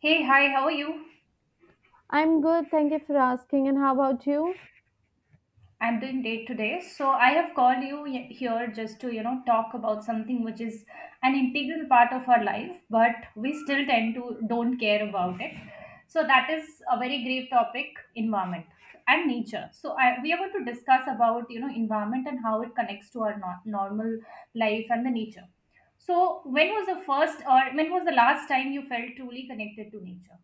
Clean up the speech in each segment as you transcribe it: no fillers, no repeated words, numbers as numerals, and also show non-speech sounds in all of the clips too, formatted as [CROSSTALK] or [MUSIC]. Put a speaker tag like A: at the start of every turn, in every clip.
A: Hey, hi, how are you?
B: I'm good, thank you for asking. And how about you?
A: I'm doing great today. So I have called you here just to talk about something which is an integral part of our life, but we still tend to don't care about it. So that is a very grave topic, environment and nature. So we are going to discuss about environment and how it connects to our normal life and the nature. So when was the first or when was the last time you felt truly connected to nature?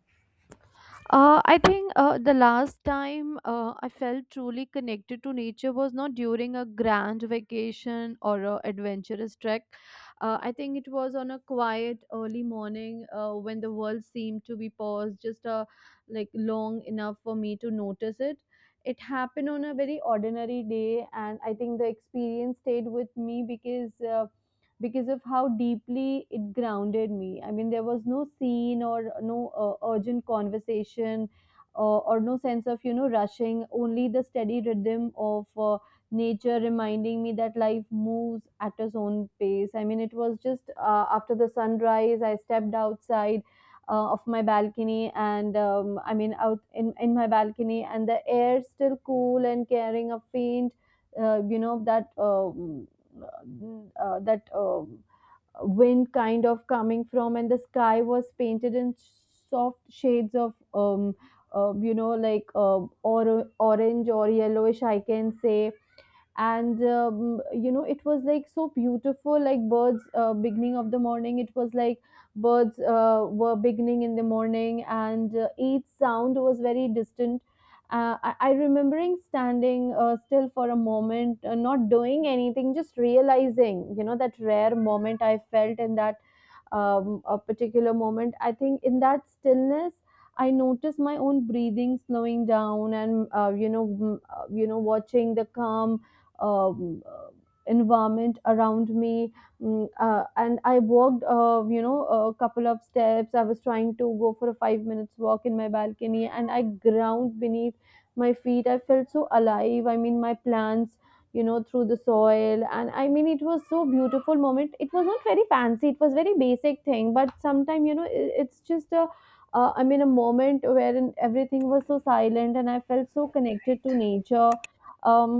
B: I think the last time I felt truly connected to nature was not during a grand vacation or a adventurous trek. I think it was on a quiet early morning when the world seemed to be paused just like long enough for me to notice it. It happened on a very ordinary day, and I think the experience stayed with me because of how deeply it grounded me. I mean, there was no scene or no urgent conversation or no sense of, rushing, only the steady rhythm of nature reminding me that life moves at its own pace. I mean, it was just after the sunrise, I stepped outside. Of my balcony and I mean out in my balcony, and the air still cool and carrying a faint you know that that wind kind of coming from. And the sky was painted in soft shades of orange or yellowish, I can say. And it was like so beautiful. Like, birds beginning of the morning. It was like birds were beginning in the morning, and each sound was very distant. I remembering standing still for a moment, not doing anything, just realizing, you know, that rare moment I felt in that a particular moment, I think, in that stillness. I noticed my own breathing slowing down, and watching the calm um, uh, environment around me. And I walked you know, a couple of steps. I was trying to go for a 5 minutes walk in my balcony, and I ground beneath my feet. I felt so alive. I mean, my plants, you know, through the soil. And I mean, it was so beautiful moment. It was not very fancy, it was very basic thing, but sometime, you know, it's just a, a moment wherein everything was so silent and I felt so connected to nature. um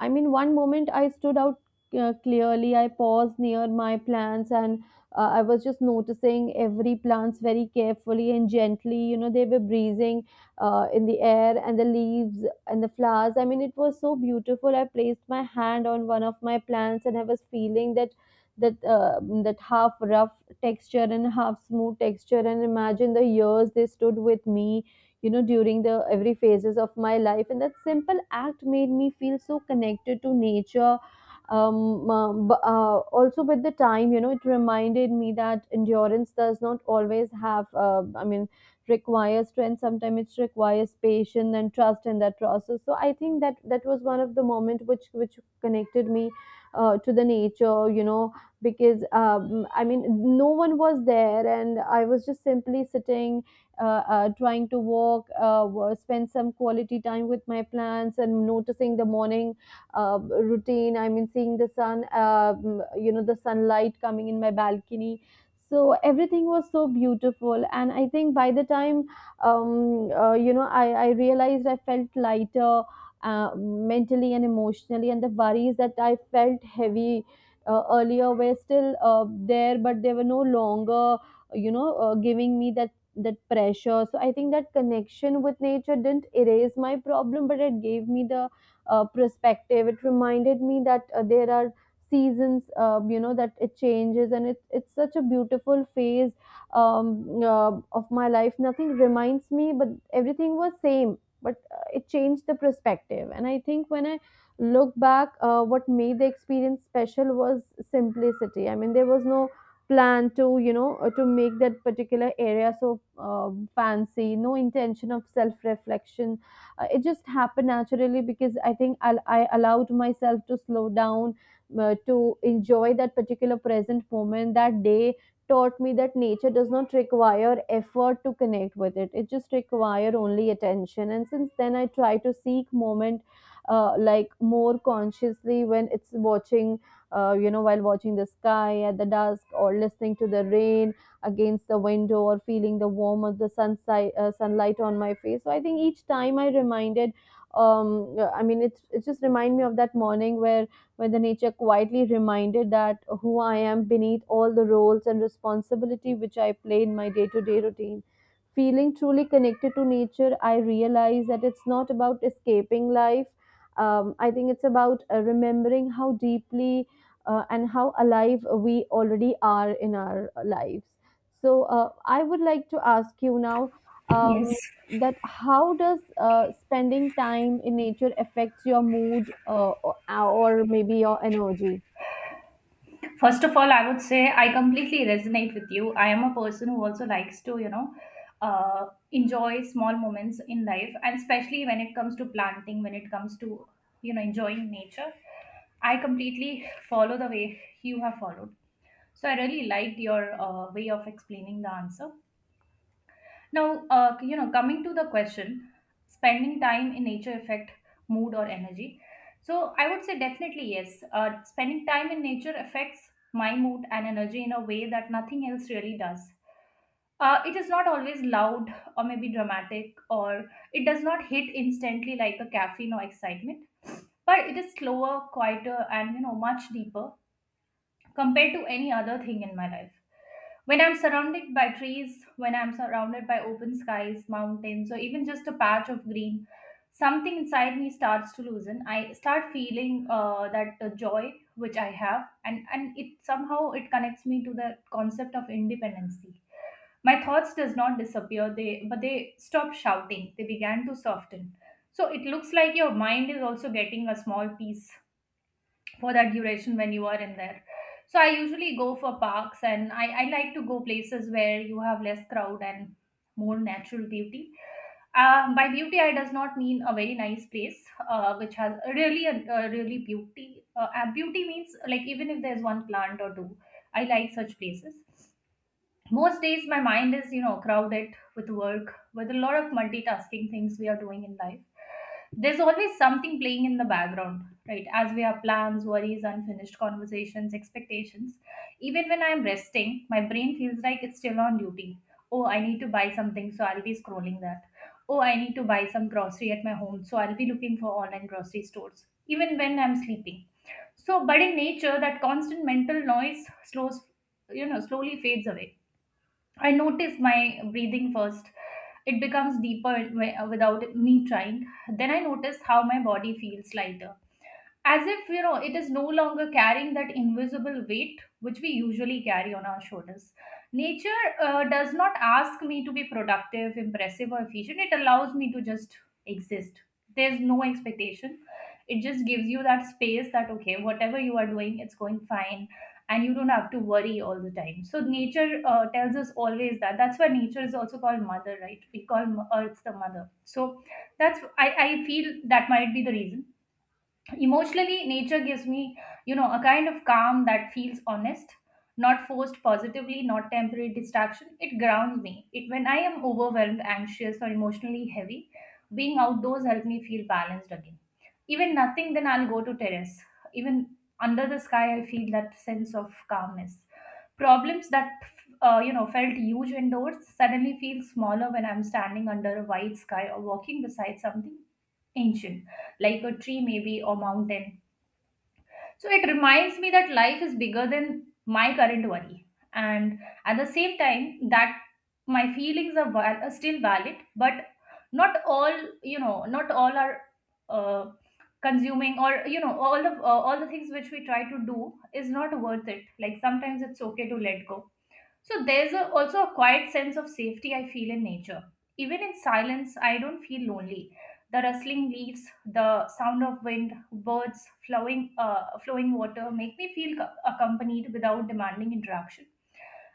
B: I mean, one moment I stood out clearly. I paused near my plants and I was just noticing every plants very carefully and gently. You know, they were breezing in the air, and the leaves and the flowers. I mean, it was so beautiful. I placed my hand on one of my plants, and I was feeling that half rough texture and half smooth texture, and imagine the years they stood with me, you know, during the every phases of my life. And that simple act made me feel so connected to nature. Also, with the time, you know, it reminded me that endurance does not always have I mean requires strength. Sometimes it requires patience and trust in that process. So I think that was one of the moment which connected me to the nature, you know, because no one was there, and I was just simply sitting, uh, trying to walk, spend some quality time with my plants, and noticing the morning routine. I mean, seeing the sun. The sunlight coming in my balcony. So everything was so beautiful, and I think, by the time, I realized I felt lighter mentally and emotionally, and the worries that I felt heavy earlier were still there, but they were no longer, giving me that pressure. So I think that connection with nature didn't erase my problem, but it gave me the perspective. It reminded me that there are seasons, that it changes, and it's such a beautiful phase of my life. Nothing reminds me, but everything was same. But it changed the perspective, and I think when I look back, what made the experience special was simplicity. I mean, there was no plan to, to make that particular area so fancy. No intention of self reflection. It just happened naturally because I think, I allowed myself to slow down, to enjoy that particular present moment. That day taught me that nature does not require effort to connect with it. It just require only attention. And since then, I try to seek moment like, more consciously, when it's watching, while watching the sky at the dusk, or listening to the rain against the window, or feeling the warmth of the sunlight, sunlight on my face. So I think, each time I reminded, I mean, it just remind me of that morning where the nature quietly reminded that who I am beneath all the roles and responsibility which I play in my day-to-day routine. Feeling truly connected to nature, I realize that it's not about escaping life. I think it's about remembering how deeply and how alive we already are in our lives. So I would like to ask you now, um,
A: Yes.
B: that how does spending time in nature affects your mood or maybe your energy?
A: First of all, I would say I completely resonate with you. I am a person who also likes to enjoy small moments in life, and especially when it comes to planting, when it comes to enjoying nature. I completely follow the way you have followed. So I really liked your way of explaining the answer. Now, coming to the question, spending time in nature affect mood or energy. So I would say definitely yes. Spending time in nature affects my mood and energy in a way that nothing else really does. It is not always loud or maybe dramatic, or it does not hit instantly like a caffeine or excitement, but it is slower, quieter, and much deeper compared to any other thing in my life. When I'm surrounded by trees, when I'm surrounded by open skies, mountains, or even just a patch of green, something inside me starts to loosen. I start feeling that joy which I have, and it somehow it connects me to the concept of independency. My thoughts does not disappear, they but they stop shouting. They began to soften. So it looks like your mind is also getting a small piece for that duration when you are in there. So I usually go for parks, and I like to go places where you have less crowd and more natural beauty. By beauty, I does not mean a very nice place, which has a really a really beauty. Beauty means like even if there's one plant or two, I like such places. Most days my mind is crowded with work, with a lot of multitasking things we are doing in life. There's always something playing in the background, right? As we have plans, worries, unfinished conversations, expectations. Even when I'm resting, my brain feels like it's still on duty. Oh, I need to buy something, so I'll be scrolling that. Oh, I need to buy some grocery at my home, so I'll be looking for online grocery stores even when I'm sleeping. So but in nature, that constant mental noise slows, slowly fades away. I notice my breathing first. It becomes deeper without me trying. Then I notice how my body feels lighter, as if it is no longer carrying that invisible weight which we usually carry on our shoulders. Nature does not ask me to be productive, impressive, or efficient. It allows me to just exist. There's no expectation. It just gives you that space, that okay, whatever you are doing, it's going fine and you don't have to worry all the time. So nature tells us always that that's why nature is also called mother, right? We call Earth the mother. So that's, I feel that might be the reason. Emotionally, nature gives me, you know, a kind of calm that feels honest, not forced positively, not temporary distraction. It grounds me. It when I am overwhelmed, anxious, or emotionally heavy, being outdoors helps me feel balanced again. Even nothing, then I'll go to terrace. Even under the sky, I feel that sense of calmness. Problems that felt huge indoors suddenly feel smaller when I'm standing under a wide sky or walking beside something ancient, like a tree maybe or mountain. So it reminds me that life is bigger than my current worry. And at the same time, that my feelings are still valid, but not all, not all are uh, consuming, or all the things which we try to do is not worth it. Like sometimes it's okay to let go. So there's also a quiet sense of safety I feel in nature. Even in silence, I don't feel lonely. The rustling leaves, the sound of wind, birds, flowing water make me feel accompanied without demanding interaction.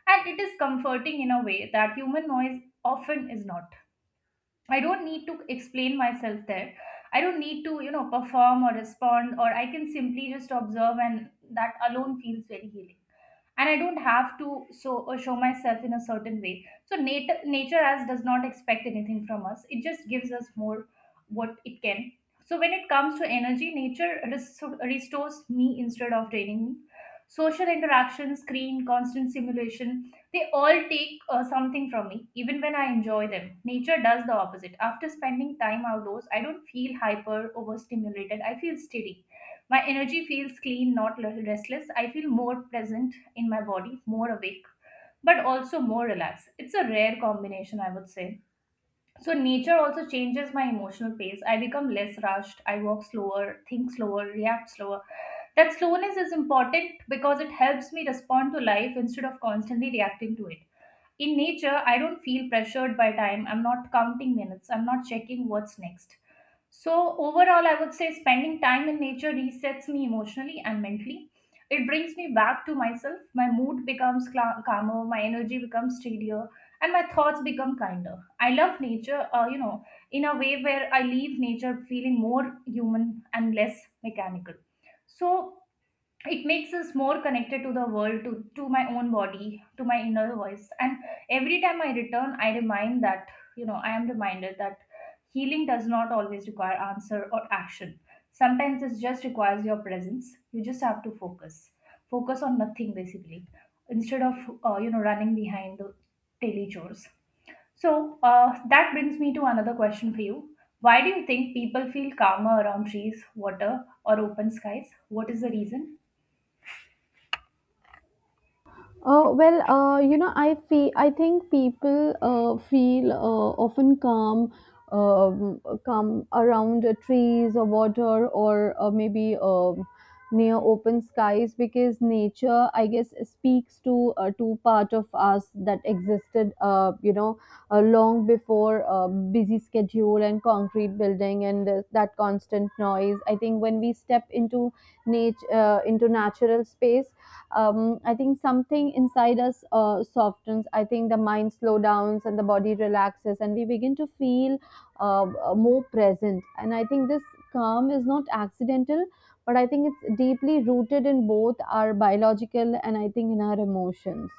A: And it is comforting in a way that human noise often is not. I don't need to explain myself there. I don't need to, you know, perform or respond, or I can simply just observe, and that alone feels very healing. And I don't have to, so show myself in a certain way. So nature as does not expect anything from us. It just gives us more what it can. So when it comes to energy, nature restores me instead of draining me. Social interaction, screen, constant simulation, they all take something from me even when I enjoy them. Nature does the opposite. After spending time outdoors, I don't feel hyper overstimulated, I feel steady. My energy feels clean, not l- restless. I feel more present in my body, more awake, but also more relaxed. It's a rare combination, I would say. So, nature also changes my emotional pace. I become less rushed. I walk slower, think slower, react slower. That slowness is important because it helps me respond to life instead of constantly reacting to it. In nature, I don't feel pressured by time. I'm not counting minutes. I'm not checking what's next. So, overall, I would say spending time in nature resets me emotionally and mentally. It brings me back to myself. My mood becomes cla calmer, my energy becomes steadier, and my thoughts become kinder. I love nature, in a way where I leave nature feeling more human and less mechanical. So, it makes us more connected to the world, to my own body, to my inner voice, and every time I return I remind that, I am reminded that healing does not always require answer or action. Sometimes it just requires your presence. You just have to focus, focus on nothing basically, instead of, running behind the daily chores. So, that brings me to another question for you. Why do you think people feel calmer around trees, water, or open skies? What is the reason?
B: Well, I feel, I think people feel often calm, um, calm around trees or water or maybe near open skies, because nature, I guess, speaks to part of us that existed, long before busy schedule and concrete building and that constant noise. I think when we step into nature, into natural space, I think something inside us softens. I think the mind slow downs and the body relaxes, and we begin to feel more present. And I think this calm is not accidental, but I think it's deeply rooted in both our biological, and I think, in our emotions.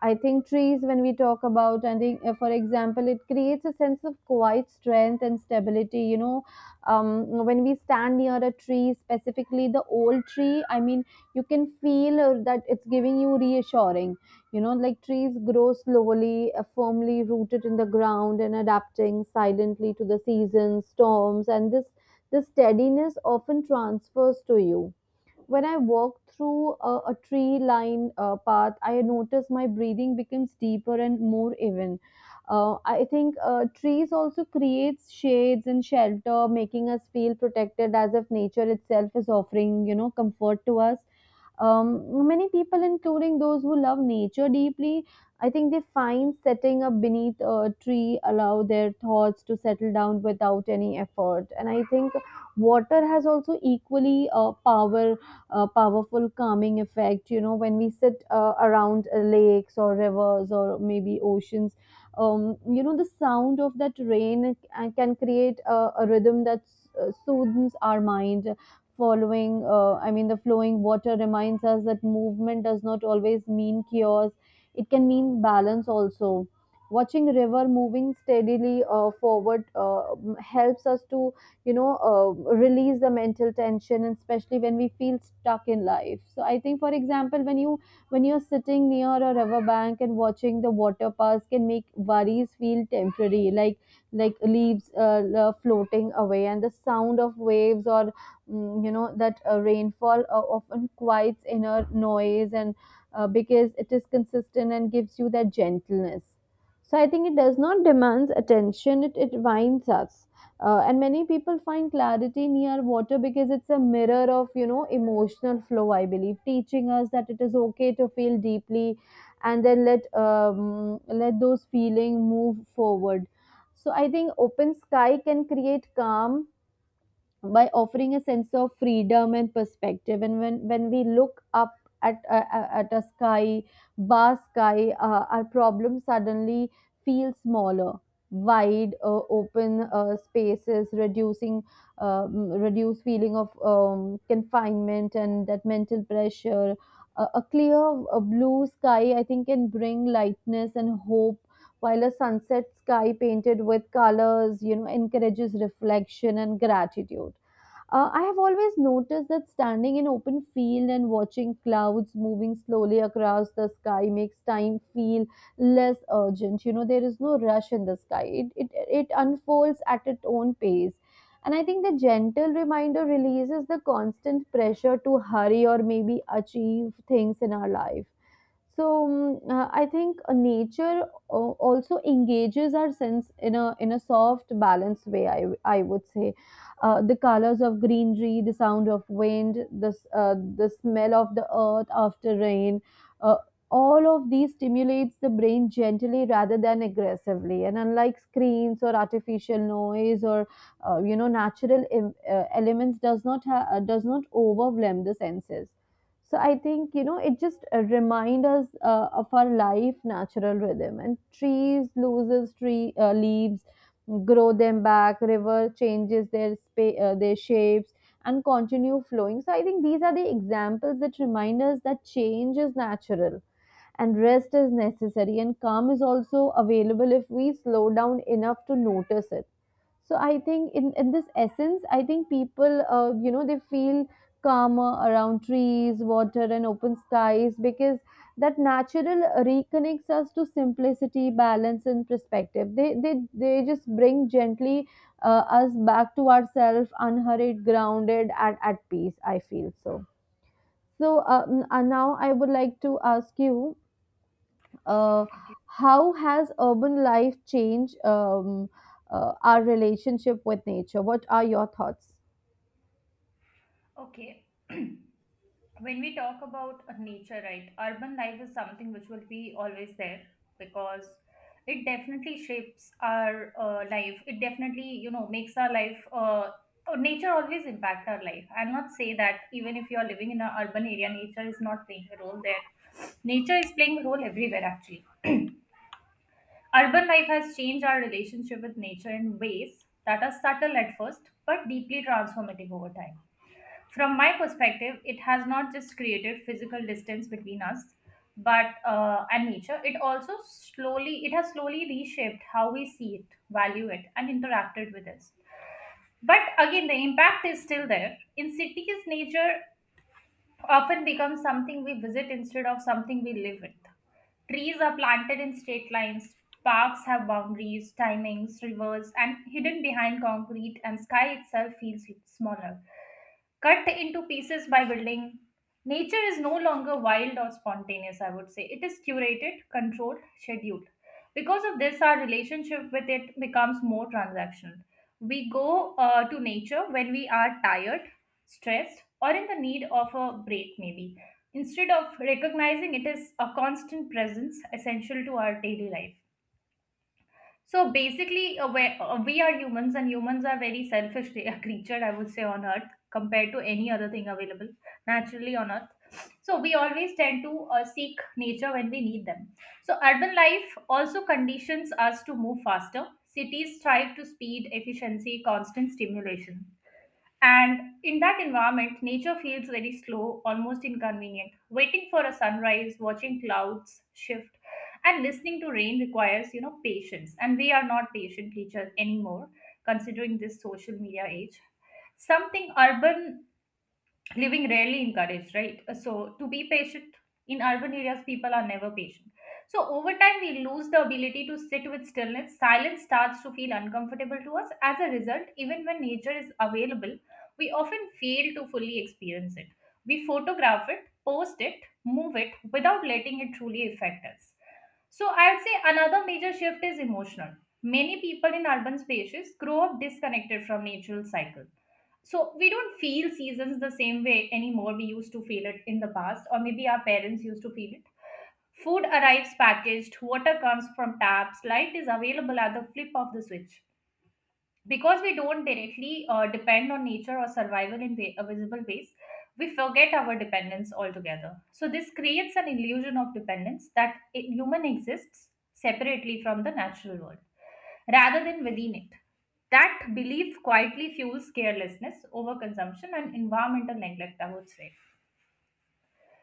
B: I think trees, when we talk about, and think, for example, it creates a sense of quiet strength and stability. You know, when we stand near a tree, specifically the old tree, I mean, you can feel that it's giving you reassuring. You know, like, trees grow slowly, firmly rooted in the ground and adapting silently to the seasons storms. And this steadiness often transfers to you. When I walk through a tree lined path, I notice my breathing becomes deeper and more even. I think trees also creates shades and shelter, making us feel protected, as if nature itself is offering, you know, comfort to us. Many people, including those who love nature deeply, I think they find setting up beneath a tree allow their thoughts to settle down without any effort. And I think water has also equally a powerful calming effect. You know, when we sit around lakes or rivers or maybe oceans, the sound of that rain can create a rhythm that soothes our mind. Following I mean The flowing water reminds us that movement does not always mean chaos. It can mean balance also. Watching river moving steadily forward helps us to, release the mental tension, and especially when we feel stuck in life. So I think, for example, when you're sitting near a river bank and watching the water pass can make worries feel temporary, like leaves floating away. And the sound of waves or that rainfall often quiets inner noise, and because it is consistent and gives you that gentleness. So I think it does not demands attention. It winds us, and many people find clarity near water because it's a mirror of, you know, emotional flow, I believe, teaching us that it is okay to feel deeply. And then let those feeling move forward. So I think open sky can create calm by offering a sense of freedom and perspective. And when we look up at a sky vast sky, our problems suddenly feel smaller. Wide open spaces, reducing reduced feeling of confinement and that mental pressure. A clear blue sky, I think, can bring lightness and hope. While a sunset sky painted with colors, you know, encourages reflection and gratitude. I have always noticed that standing in open field and watching clouds moving slowly across the sky makes time feel less urgent. You know, there is no rush in the sky. It unfolds at its own pace. And I think the gentle reminder releases the constant pressure to hurry or maybe achieve things in our life. So I think nature also engages our sense in a soft, balanced way. I would say, the colors of greenery, the sound of wind, the smell of the earth after rain, uh, all of these stimulates the brain gently rather than aggressively. And unlike screens or artificial noise or elements, does not overwhelm the senses. So I think it just remind us of our life natural rhythm. And trees loses tree leaves, grow them back. River changes their shapes and continue flowing. So I think these are the examples that remind us that change is natural and rest is necessary and calm is also available if we slow down enough to notice it. So I think in this essence, I think people they feel calmer around trees, water and open skies because that natural reconnects us to simplicity, balance and perspective. They just bring gently us back to ourselves, unhurried, grounded and at peace, I feel. So now I would like to ask you, uh, how has urban life changed our relationship with nature? What are your thoughts?
A: Okay. [CLEARS THROAT] When we talk about nature, right, urban life is something which will be always there because it definitely shapes our life. It definitely, you know, makes our life. Oh, nature always impact our life. I'll not say that even if you are living in an urban area, nature is not playing a role there. Nature is playing a role everywhere actually. Urban life has changed our relationship with nature in ways that are subtle at first but deeply transformative over time. From my perspective, it has not just created physical distance between us, but and nature. It also slowly, it has slowly reshaped how we see it, value it, and interacted with it. But again, the impact is still there. In cities, nature often becomes something we visit instead of something we live with. Trees are planted in straight lines, parks have boundaries, timings, rivers, and hidden behind concrete, and sky itself feels smaller. Cut into pieces by building, nature is no longer wild or spontaneous, I would say. It is curated, controlled, scheduled. Because of this, our relationship with it becomes more transactional. We go to nature when we are tired, stressed, or in the need of a break, maybe. Instead of recognizing it is a constant presence essential to our daily life. So basically, we are humans, and humans are very selfish [LAUGHS] creature, I would say, on Earth compared to any other thing available naturally on Earth. So we always tend to seek nature when we need them. So urban life also conditions us to move faster. Cities strive to speed, efficiency, constant stimulation. And in that environment, nature feels very slow, almost inconvenient. Waiting for a sunrise, watching clouds shift, and listening to rain requires patience. And we are not patient creatures anymore, considering this social media age. Something urban living rarely encouraged, right? So to be patient in urban areas, people are never patient. So over time we lose the ability to sit with stillness. Silence starts to feel uncomfortable to us. As a result, even when nature is available, we often fail to fully experience it. We photograph it, post it, move it without letting it truly affect us. So I'd say another major shift is emotional. Many people in urban spaces grow up disconnected from natural cycle. So we don't feel seasons the same way anymore we used to feel it in the past, or maybe our parents used to feel it. Food arrives packaged, water comes from taps, light is available at the flip of the switch. Because we don't directly depend on nature or survival in visible ways, we forget our dependence altogether. So this creates an illusion of dependence that human exists separately from the natural world rather than within it. That belief quietly fuels carelessness, overconsumption, and environmental neglect, I would say.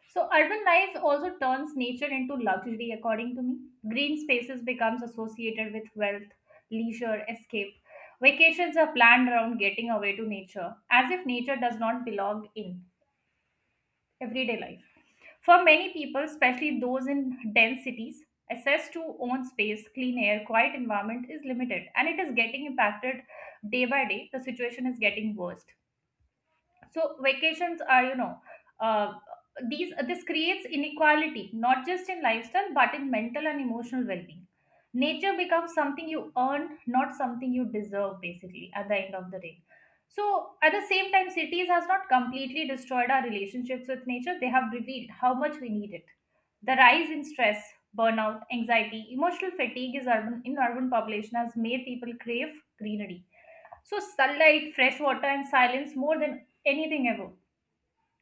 A: So urban life also turns nature into luxury, according to me. Green spaces becomes associated with wealth, leisure, escape. Vacations are planned around getting away to nature, as if nature does not belong in everyday life. For many people, especially those in dense cities, access to own space, clean air, quiet environment is limited, and it is getting impacted day by day. The situation is getting worse. So vacations are uh, these this creates inequality not just in lifestyle but in mental and emotional well-being. Nature becomes something you earn, not something you deserve, basically, at the end of the day. So at the same time, cities has not completely destroyed our relationships with nature. They have revealed how much we need it. The rise in stress, burnout, anxiety, emotional fatigue is urban in urban population has made people crave greenery, so sunlight, fresh water, and silence more than anything ever.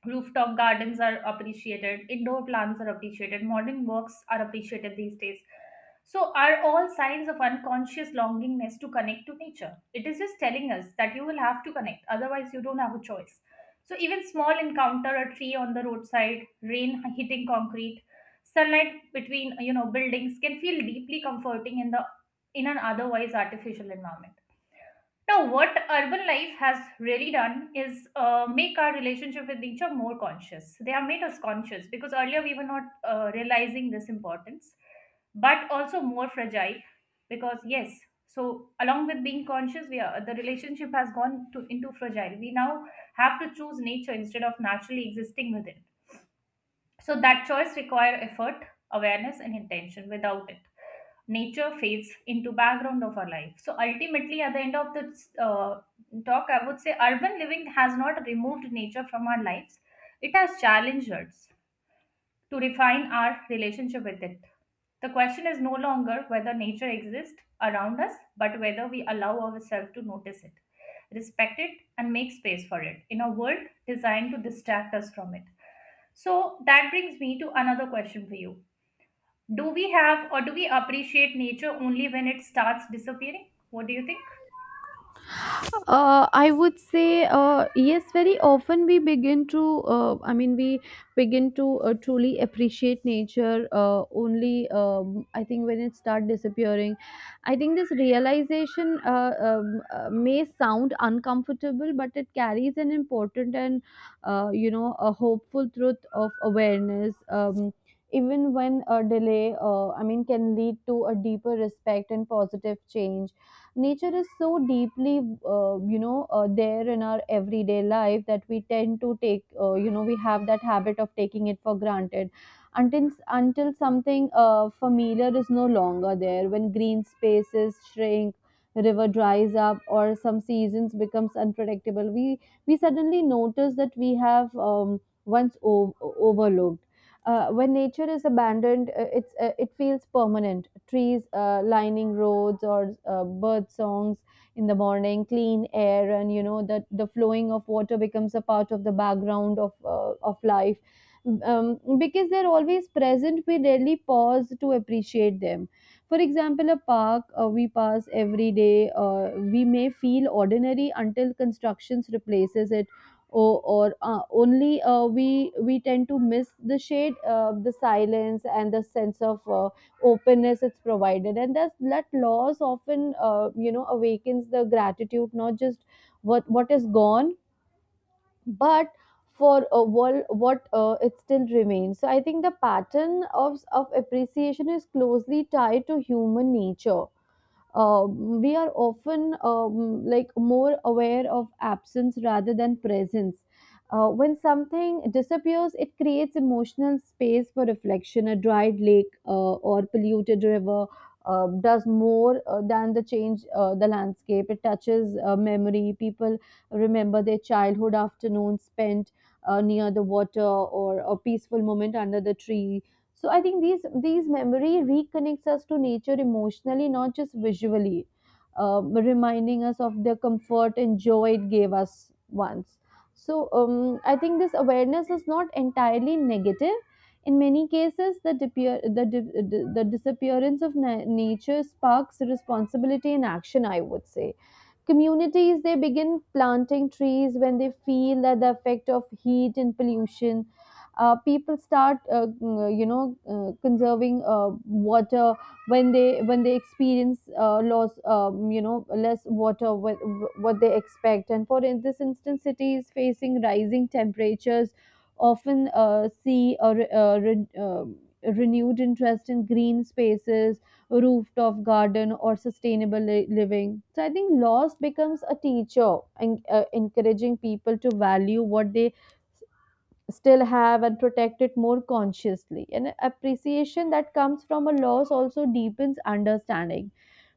A: Rooftop gardens are appreciated, indoor plants are appreciated, modern works are appreciated these days. So, are all signs of unconscious longingness to connect to nature? It is just telling us that you will have to connect, otherwise, you don't have a choice. So even small encounter, a tree on the roadside, rain hitting concrete, sunlight between buildings can feel deeply comforting in the in an otherwise artificial environment. Now, what urban life has really done is make our relationship with nature more conscious. They have made us conscious because earlier we were not realizing this importance, but also more fragile, because, yes, so along with being conscious, we are, the relationship has gone to, into fragile. We now have to choose nature instead of naturally existing within. So that choice require effort, awareness, and intention. Without it, nature fades into background of our life. So ultimately, at the end of this talk, I would say urban living has not removed nature from our lives; it has challenged us to refine our relationship with it. The question is no longer whether nature exists around us, but whether we allow ourselves to notice it, respect it, and make space for it in a world designed to distract us from it. So that brings me to another question for you. Do we have, or do we appreciate nature only when it starts disappearing? What do you think?
B: I would say yes. Very often we begin to, we begin to truly appreciate nature only. I think when it start disappearing, I think this realization may sound uncomfortable, but it carries an important and a hopeful truth of awareness. Even when a delay, can lead to a deeper respect and positive change. Nature is so deeply there in our everyday life that we tend to take, we have that habit of taking it for granted until something familiar is no longer there. When green spaces shrink, river dries up or some seasons becomes unpredictable, we suddenly notice that we have once overlooked. When nature is abandoned, it feels permanent. Trees lining roads, or bird songs in the morning, clean air, and you know that the flowing of water becomes a part of the background of life. Because they're always present, we rarely pause to appreciate them. For example, a park we pass every day, we may feel ordinary until constructions replaces it. Or Only we tend to miss the shade, the silence and the sense of openness it's provided. And that loss often awakens the gratitude, not just what is gone, but for what it still remains. So I think the pattern of appreciation is closely tied to human nature. We are often like more aware of absence rather than presence. When something disappears, it creates emotional space for reflection. A dried lake or polluted river does more than the change the landscape. It touches memory. People remember their childhood afternoons spent near the water or a peaceful moment under the trees. So I think these memory reconnects us to nature emotionally, not just visually, reminding us of the comfort and joy it gave us once. So I think this awareness is not entirely negative. In many cases, the, depear- the, di- the disappearance of nature sparks responsibility in action, I would say. Communities, they begin planting trees when they feel that the effect of heat and pollution. People start conserving water when they experience loss, less water what they expect. And for in this instance, cities facing rising temperatures often see a, renewed interest in green spaces, rooftop garden or sustainable living. So I think loss becomes a teacher and encouraging people to value what they s- still have and protect it more consciously. And appreciation that comes from a loss also deepens understanding.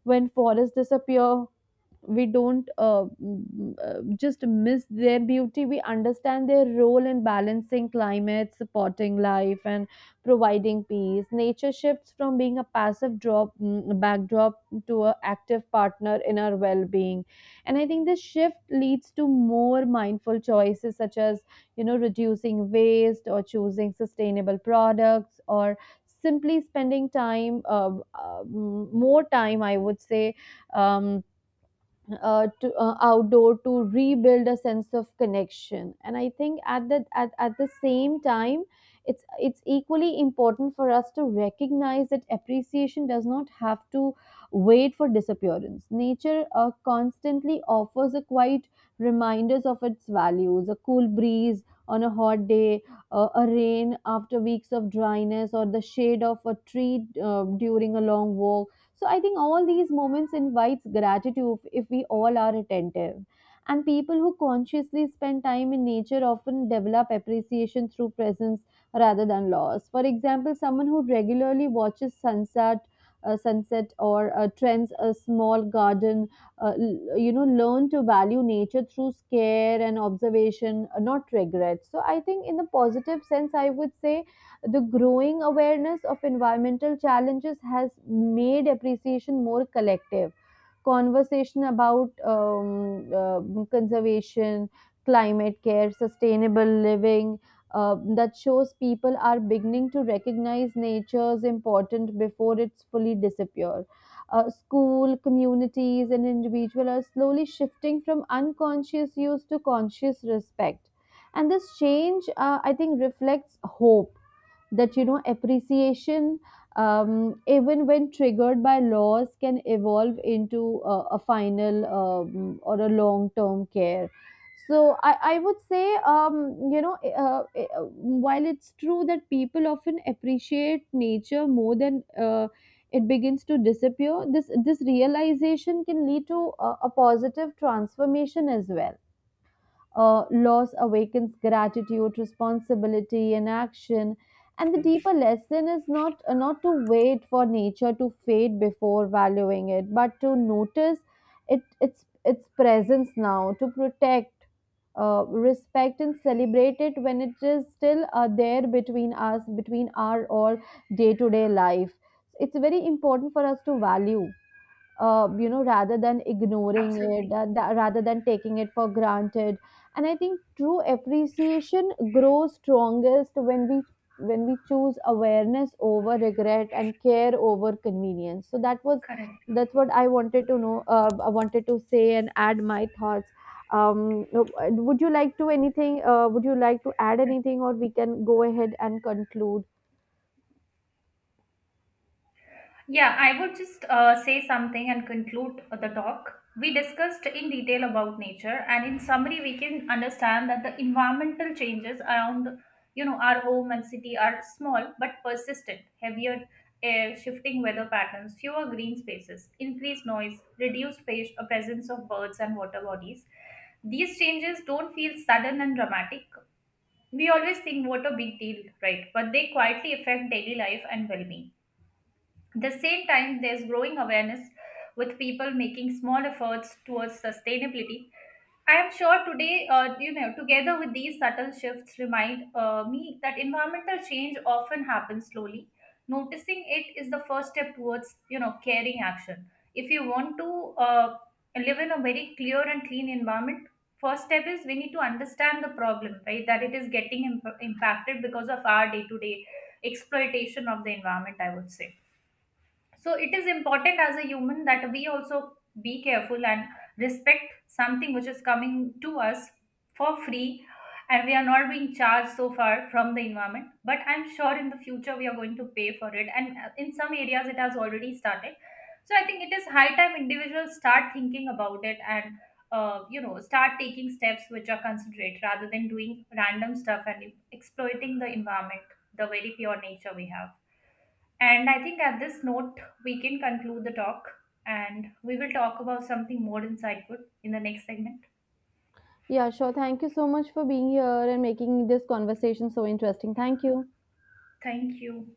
B: When forests disappear, we don't just miss their beauty, we understand their role in balancing climate, supporting life and providing peace. Nature shifts from being a passive backdrop to an active partner in our well-being. And I think this shift leads to more mindful choices, such as reducing waste or choosing sustainable products or simply spending time more time, I would say, um, to outdoor, to rebuild a sense of connection. And I think at the same time, it's equally important for us to recognize that appreciation does not have to wait for disappearance. Nature constantly offers a quite reminders of its values: a cool breeze on a hot day, a rain after weeks of dryness, or the shade of a tree during a long walk. So I think all these moments invites gratitude if we all are attentive. And people who consciously spend time in nature often develop appreciation through presence rather than loss. For example, someone who regularly watches sunset or trends a small garden learn to value nature through care and observation, not regret. So I think, in the positive sense, I would say the growing awareness of environmental challenges has made appreciation more collective. Conversation about conservation, climate care, sustainable living, that shows people are beginning to recognize nature's importance before it's fully disappear. School, communities, and individuals are slowly shifting from unconscious use to conscious respect. And this change, I think, reflects hope that appreciation, even when triggered by loss, can evolve into a final or a long term care. So I would say, while it's true that people often appreciate nature more than it begins to disappear, this realization can lead to a positive transformation as well. Loss awakens gratitude, responsibility, and action. And the deeper lesson is not to wait for nature to fade before valuing it, but to notice it its presence now, to protect, respect, and celebrate it when it is still there between us, between our all day to day life. It's very important for us to value, rather than ignoring it,
A: Absolutely.
B: rather than taking it for granted. And I think true appreciation grows strongest when we choose awareness over regret and care over convenience. So that was
A: Correct.
B: that's what I wanted to know. I wanted to say and add my thoughts. No, would you like to anything? Would you like to add anything, or we can go ahead and conclude?
A: Yeah, I would just say something and conclude the talk. We discussed in detail about nature, and in summary, we can understand that the environmental changes around, you know, our home and city are small but persistent. Heavier air, shifting weather patterns, fewer green spaces, increased noise, reduced presence of birds and water bodies. These changes don't feel sudden and dramatic. We always think what a big deal, right? But they quietly affect daily life and well-being. At the same time, there's growing awareness with people making small efforts towards sustainability. I am sure today, you know, together with these subtle shifts, remind me that environmental change often happens slowly. Noticing it is the first step towards, you know, caring action. If you want to uh, live in a very clear and clean environment, first step is we need to understand the problem, right? That it is getting impacted because of our day-to-day exploitation of the environment, I would say. So it is important as a human that we also be careful and respect something which is coming to us for free, and we are not being charged so far from the environment. But I'm sure in the future we are going to pay for it, and in some areas it has already started. So I think it is high time individuals start thinking about it and you know, start taking steps which are considerate rather than doing random stuff and exploiting the environment, the very pure nature we have. And I think at this note, we can conclude the talk, and we will talk about something more insightful in the next segment.
B: Yeah, sure. Thank you so much for being here and making this conversation so interesting. Thank you.
A: Thank you.